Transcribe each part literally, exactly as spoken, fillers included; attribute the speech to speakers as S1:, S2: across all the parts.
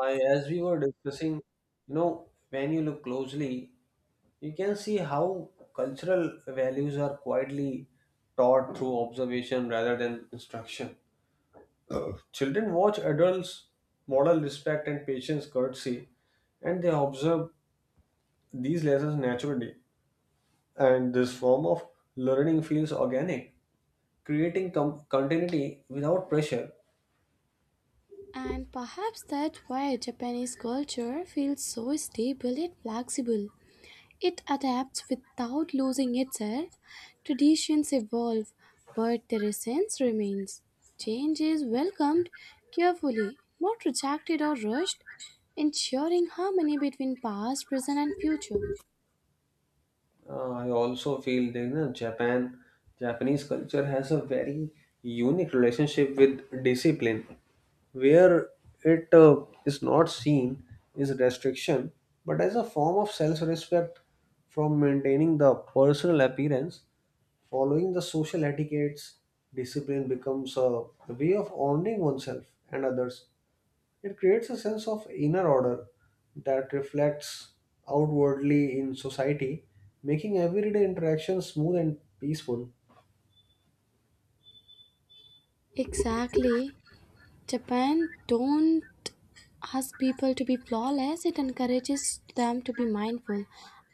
S1: I, as we were discussing, you know, when you look closely, you can see how cultural values are quietly taught through observation rather than instruction. Children watch adults model respect and patience, courtesy, and they observe these lessons naturally. And this form of learning feels organic, creating com- continuity without pressure.
S2: And perhaps that's why Japanese culture feels so stable and flexible. It adapts without losing itself. Traditions evolve, but the essence remains. Change is welcomed carefully, not rejected or rushed, ensuring harmony between past, present, and future.
S1: Uh, I also feel that you know, Japan, Japanese culture has a very unique relationship with discipline, where it uh, is not seen as restriction, but as a form of self-respect from maintaining the personal appearance, following the social etiquettes. Discipline becomes a way of honoring oneself and others. It creates a sense of inner order that reflects outwardly in society, making everyday interactions smooth and peaceful.
S2: Exactly. Japan don't ask people to be flawless, it encourages them to be mindful.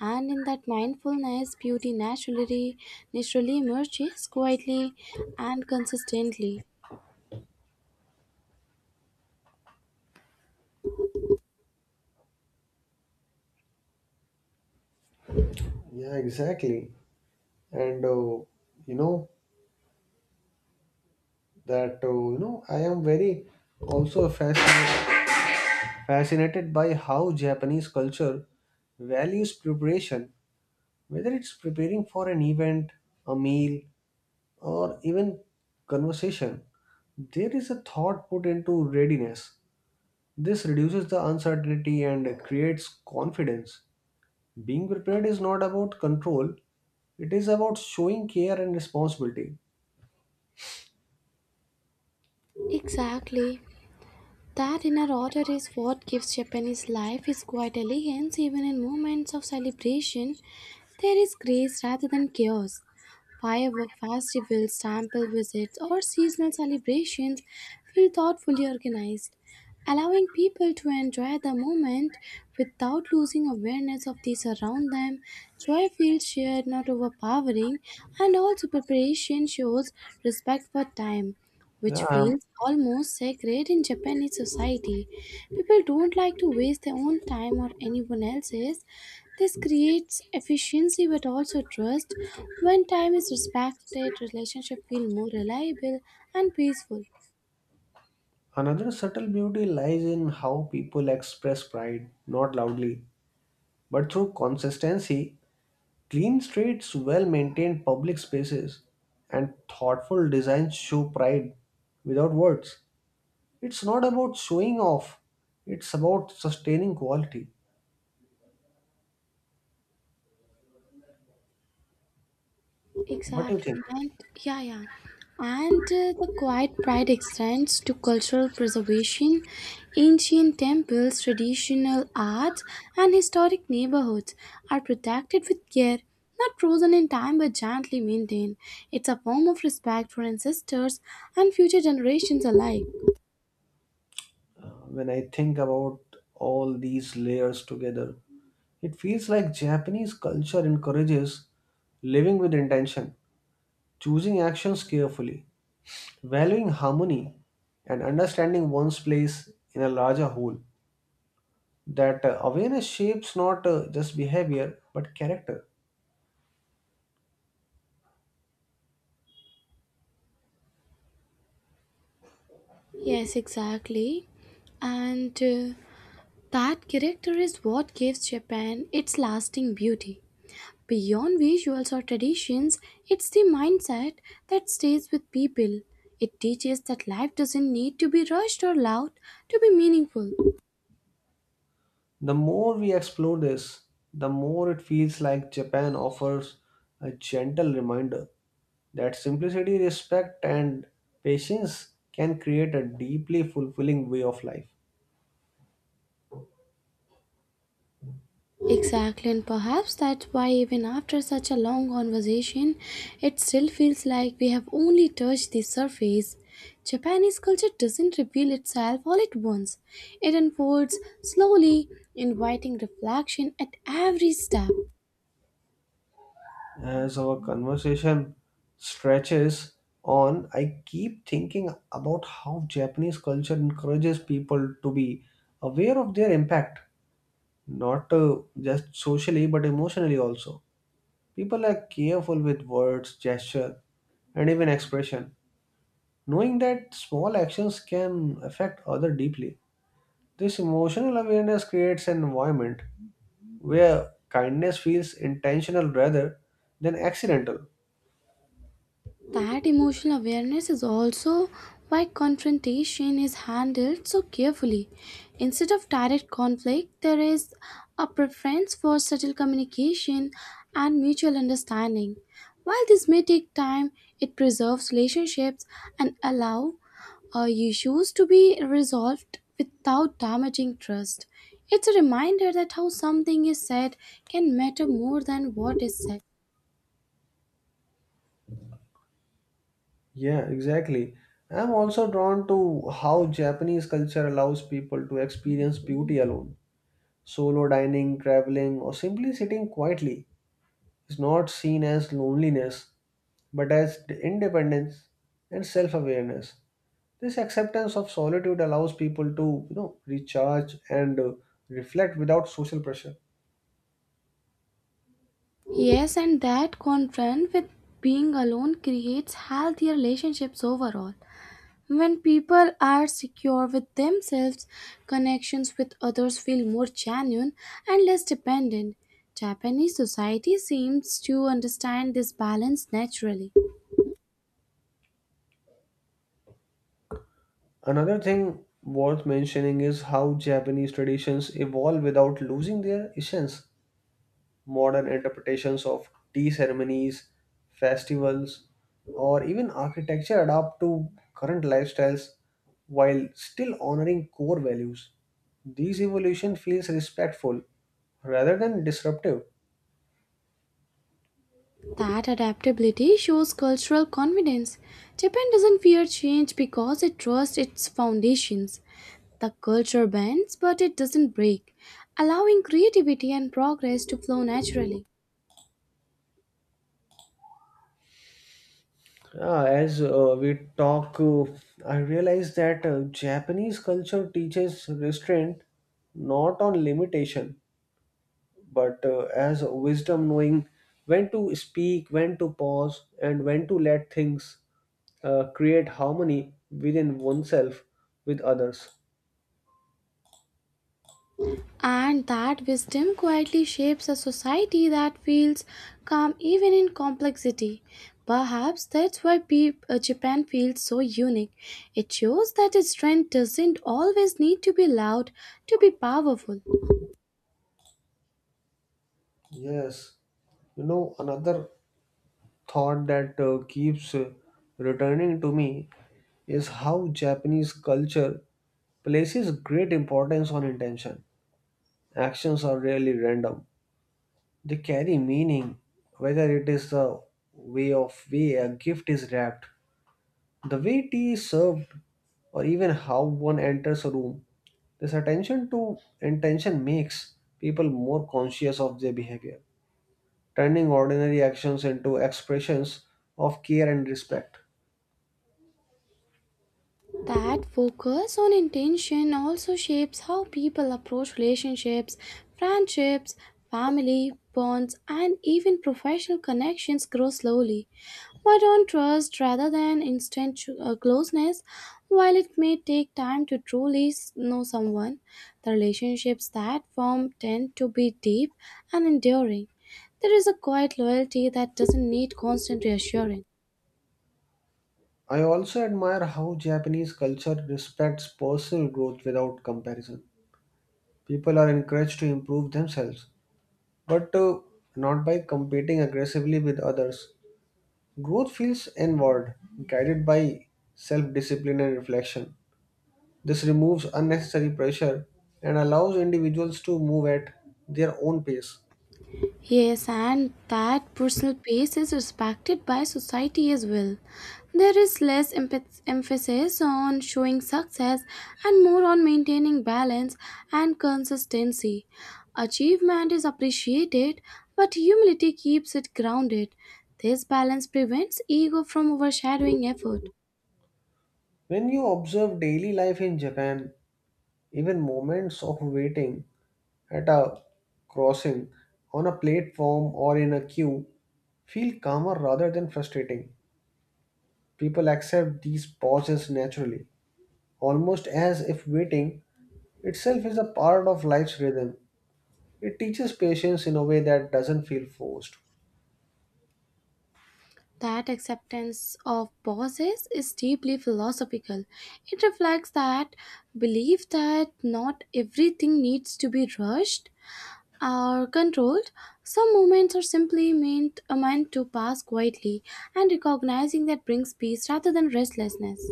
S2: And in that mindfulness, beauty naturally naturally emerges quietly and consistently.
S1: Yeah, exactly. And uh, you know that uh, you know I am very also fascinated fascinated by how Japanese culture values preparation, whether it's preparing for an event, a meal, or even conversation. There is a thought put into readiness. This reduces the uncertainty and creates confidence. Being prepared is not about control, it is about showing care and responsibility.
S2: Exactly. That inner order is what gives Japanese life its quiet elegance even in moments of celebration. There is grace rather than chaos. Firework festivals, temple visits, or seasonal celebrations feel thoughtfully organized, allowing people to enjoy the moment without losing awareness of these around them. Joy feels shared, not overpowering, and also preparation shows respect for time
S1: Yeah.
S2: which
S1: um,
S2: feels almost sacred in Japanese society. People don't like to waste their own time or anyone else's. This creates efficiency but also trust. When time is respected, relationships feel more reliable and peaceful.
S1: Another subtle beauty lies in how people express pride, not loudly, but through consistency. Clean streets, well maintained public spaces, and thoughtful designs show pride without words. It's not about showing off, it's about sustaining quality. What do you
S2: Exactly.
S1: think?
S2: And yeah, yeah. And uh, the quiet pride extends to cultural preservation, ancient temples, traditional arts, and historic neighborhoods are protected with care, not frozen in time but gently maintained. It's a form of respect for ancestors and future generations alike.
S1: Uh, when I think about all these layers together, it feels like Japanese culture encourages living with intention, choosing actions carefully, valuing harmony, and understanding one's place in a larger whole. that uh, awareness shapes not uh, just behavior but character.
S2: Yes, exactly. And uh, that character is what gives Japan its lasting beauty. Beyond visuals or traditions, it's the mindset that stays with people. It teaches that life doesn't need to be rushed or loud to be meaningful.
S1: The more we explore this, the more it feels like Japan offers a gentle reminder that simplicity, respect, and patience can create a deeply fulfilling way of life.
S2: Exactly, and perhaps that's why, even after such a long conversation, it still feels like we have only touched the surface. Japanese culture doesn't reveal itself all at once, it unfolds slowly, inviting reflection at every step.
S1: As our conversation stretches on, I keep thinking about how Japanese culture encourages people to be aware of their impact not uh, just socially but emotionally also. People are careful with words, gesture, and even expression, knowing that small actions can affect other deeply. This emotional awareness creates an environment where kindness feels intentional rather than accidental.
S2: That emotional awareness is also why confrontation is handled so carefully. Instead of direct conflict, there is a preference for subtle communication and mutual understanding. While this may take time, it preserves relationships and allow uh, issues to be resolved without damaging trust. It's a reminder that how something is said can matter more than what is said.
S1: Yeah, exactly. I'm also drawn to how Japanese culture allows people to experience beauty alone. Solo dining, traveling, or simply sitting quietly is not seen as loneliness but as independence and self-awareness. This acceptance of solitude allows people to you know recharge and uh, reflect without social pressure.
S2: Yes, and that confront with being alone creates healthy relationships overall. When people are secure with themselves, connections with others feel more genuine and less dependent. Japanese society seems to understand this balance naturally.
S1: Another thing worth mentioning is how Japanese traditions evolve without losing their essence. Modern interpretations of tea ceremonies, festivals, or even architecture adapt to current lifestyles while still honoring core values. These evolution feels respectful rather than disruptive.
S2: That adaptability shows cultural confidence. Japan doesn't fear change because it trusts its foundations. The culture bends, but it doesn't break, allowing creativity and progress to flow naturally.
S1: Ah, as uh, we talk, uh, I realize that uh, Japanese culture teaches restraint, not on limitation, but uh, as wisdom, knowing when to speak, when to pause, and when to let things uh, create harmony within oneself with others.
S2: And that wisdom quietly shapes a society that feels calm even in complexity. Perhaps that's why pe- uh, Japan feels so unique. It shows that its strength doesn't always need to be loud to be powerful.
S1: Yes. You know, another thought that uh, keeps uh, returning to me is how Japanese culture places great importance on intention. Actions are rarely random, they carry meaning, whether it is the way of way a gift is wrapped, the way tea is served, or even how one enters a room. This attention to intention makes people more conscious of their behavior, turning ordinary actions into expressions of care and respect.
S2: That focus on intention also shapes how people approach relationships, friendships, family, bonds, and even professional connections grow slowly. But on trust rather than instant ch- uh, closeness, while it may take time to truly s- know someone, the relationships that form tend to be deep and enduring. There is a quiet loyalty that doesn't need constant reassurance.
S1: I also admire how Japanese culture respects personal growth without comparison. People are encouraged to improve themselves, but uh, not by competing aggressively with others. Growth feels inward, guided by self discipline and reflection. This removes unnecessary pressure and allows individuals to move at their own pace.
S2: Yes, and that personal pace is respected by society as well. There is less emph- emphasis on showing success and more on maintaining balance and consistency. Achievement is appreciated, but humility keeps it grounded. This balance prevents ego from overshadowing effort.
S1: When you observe daily life in Japan, even moments of waiting at a crossing, on a platform, or in a queue feel calmer rather than frustrating. People accept these pauses naturally, almost as if waiting itself is a part of life's rhythm. It teaches patience in a way that doesn't feel forced.
S2: That acceptance of pauses is deeply philosophical. It reflects that belief that not everything needs to be rushed or controlled. Some moments are simply meant, are meant to pass quietly, and recognizing that brings peace rather than restlessness.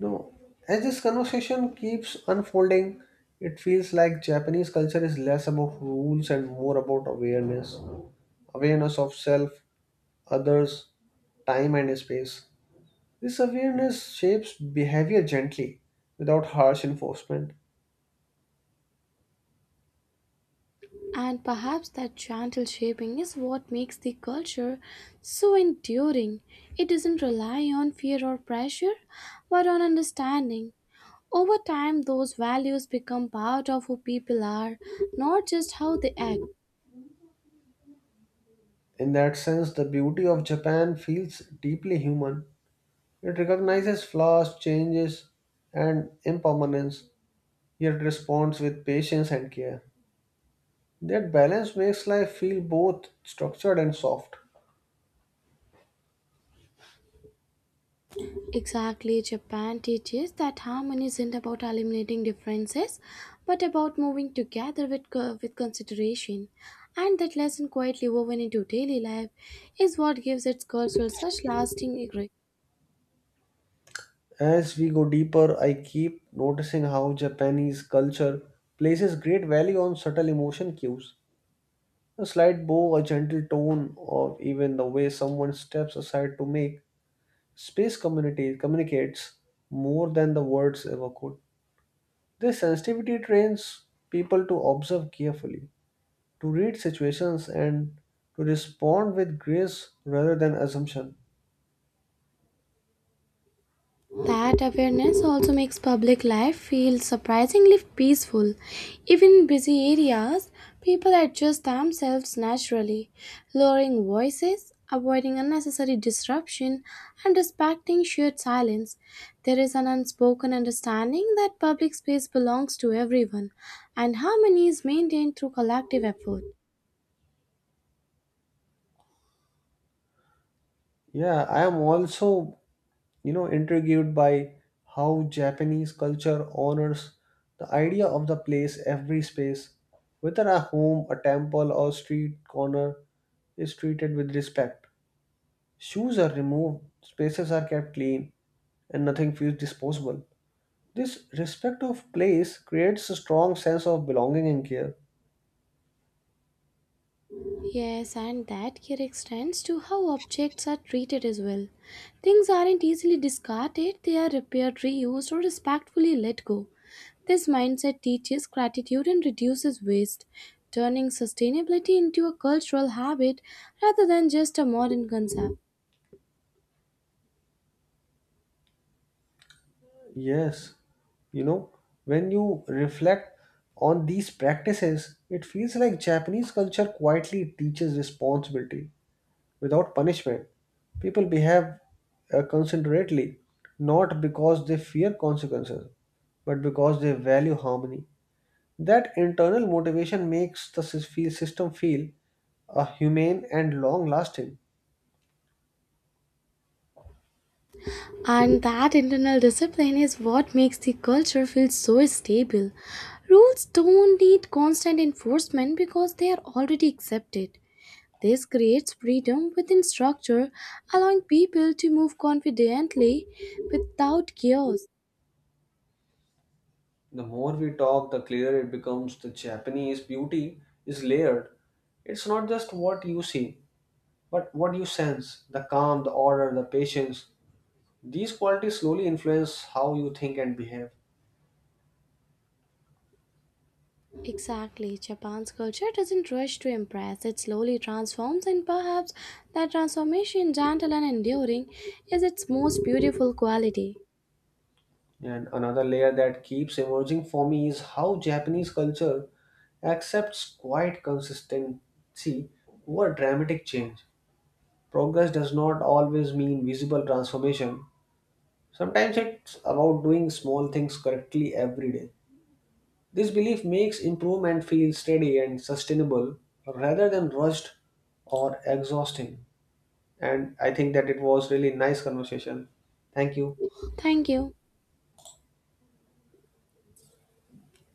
S1: No. As this conversation keeps unfolding, it feels like Japanese culture is less about rules and more about awareness. Awareness of self, others, time, and space. This awareness shapes behavior gently, without harsh enforcement.
S2: And perhaps that gentle shaping is what makes the culture so enduring. It doesn't rely on fear or pressure, but on understanding. Over time, those values become part of who people are, not just how they act.
S1: In that sense, the beauty of Japan feels deeply human. It recognizes flaws, changes, and impermanence, yet responds with patience and care. That balance makes life feel both structured and soft.
S2: Exactly, Japan teaches that harmony isn't about eliminating differences, but about moving together with, co- with consideration. And that lesson, quietly woven into daily life, is what gives its culture such lasting.
S1: As we go deeper, I keep noticing how Japanese culture places great value on subtle emotion cues. A slight bow, a gentle tone, or even the way someone steps aside to make space community communicates more than the words ever could. This sensitivity trains people to observe carefully, to read situations, and to respond with grace rather than assumption.
S2: That awareness also makes public life feel surprisingly peaceful. Even in busy areas, people adjust themselves naturally, lowering voices, avoiding unnecessary disruption, and respecting shared silence. There is an unspoken understanding that public space belongs to everyone, and harmony is maintained through collective effort.
S1: Yeah, I am also, you know, intrigued by how Japanese culture honors the idea of the place. Every space, whether a home, a temple, or street corner, is treated with respect. Shoes are removed, spaces are kept clean, and nothing feels disposable. This respect of place creates a strong sense of belonging and care.
S2: Yes, and that here extends to how objects are treated as well. Things aren't easily discarded, they are repaired, reused, or respectfully let go. This mindset teaches gratitude and reduces waste, turning sustainability into a cultural habit rather than just a modern concept.
S1: Yes, you know, when you reflect on these practices, it feels like Japanese culture quietly teaches responsibility without punishment. People behave uh, considerately, not because they fear consequences, but because they value harmony. That internal motivation makes the sys- feel- system feel uh, humane and long lasting.
S2: And that internal discipline is what makes the culture feel so stable. Rules don't need constant enforcement because they are already accepted. This creates freedom within structure, allowing people to move confidently without chaos.
S1: The more we talk, the clearer it becomes. The Japanese beauty is layered. It's not just what you see, but what you sense, the calm, the order, the patience. These qualities slowly influence how you think and behave.
S2: Exactly, Japan's culture doesn't rush to impress, it slowly transforms, and perhaps that transformation, gentle and enduring, is its most beautiful quality.
S1: And another layer that keeps emerging for me is how Japanese culture accepts quite consistency over dramatic change. Progress does not always mean visible transformation. Sometimes it's about doing small things correctly every day. This belief makes improvement feel steady and sustainable rather than rushed or exhausting. And I think that it was really nice conversation. Thank you.
S2: Thank you.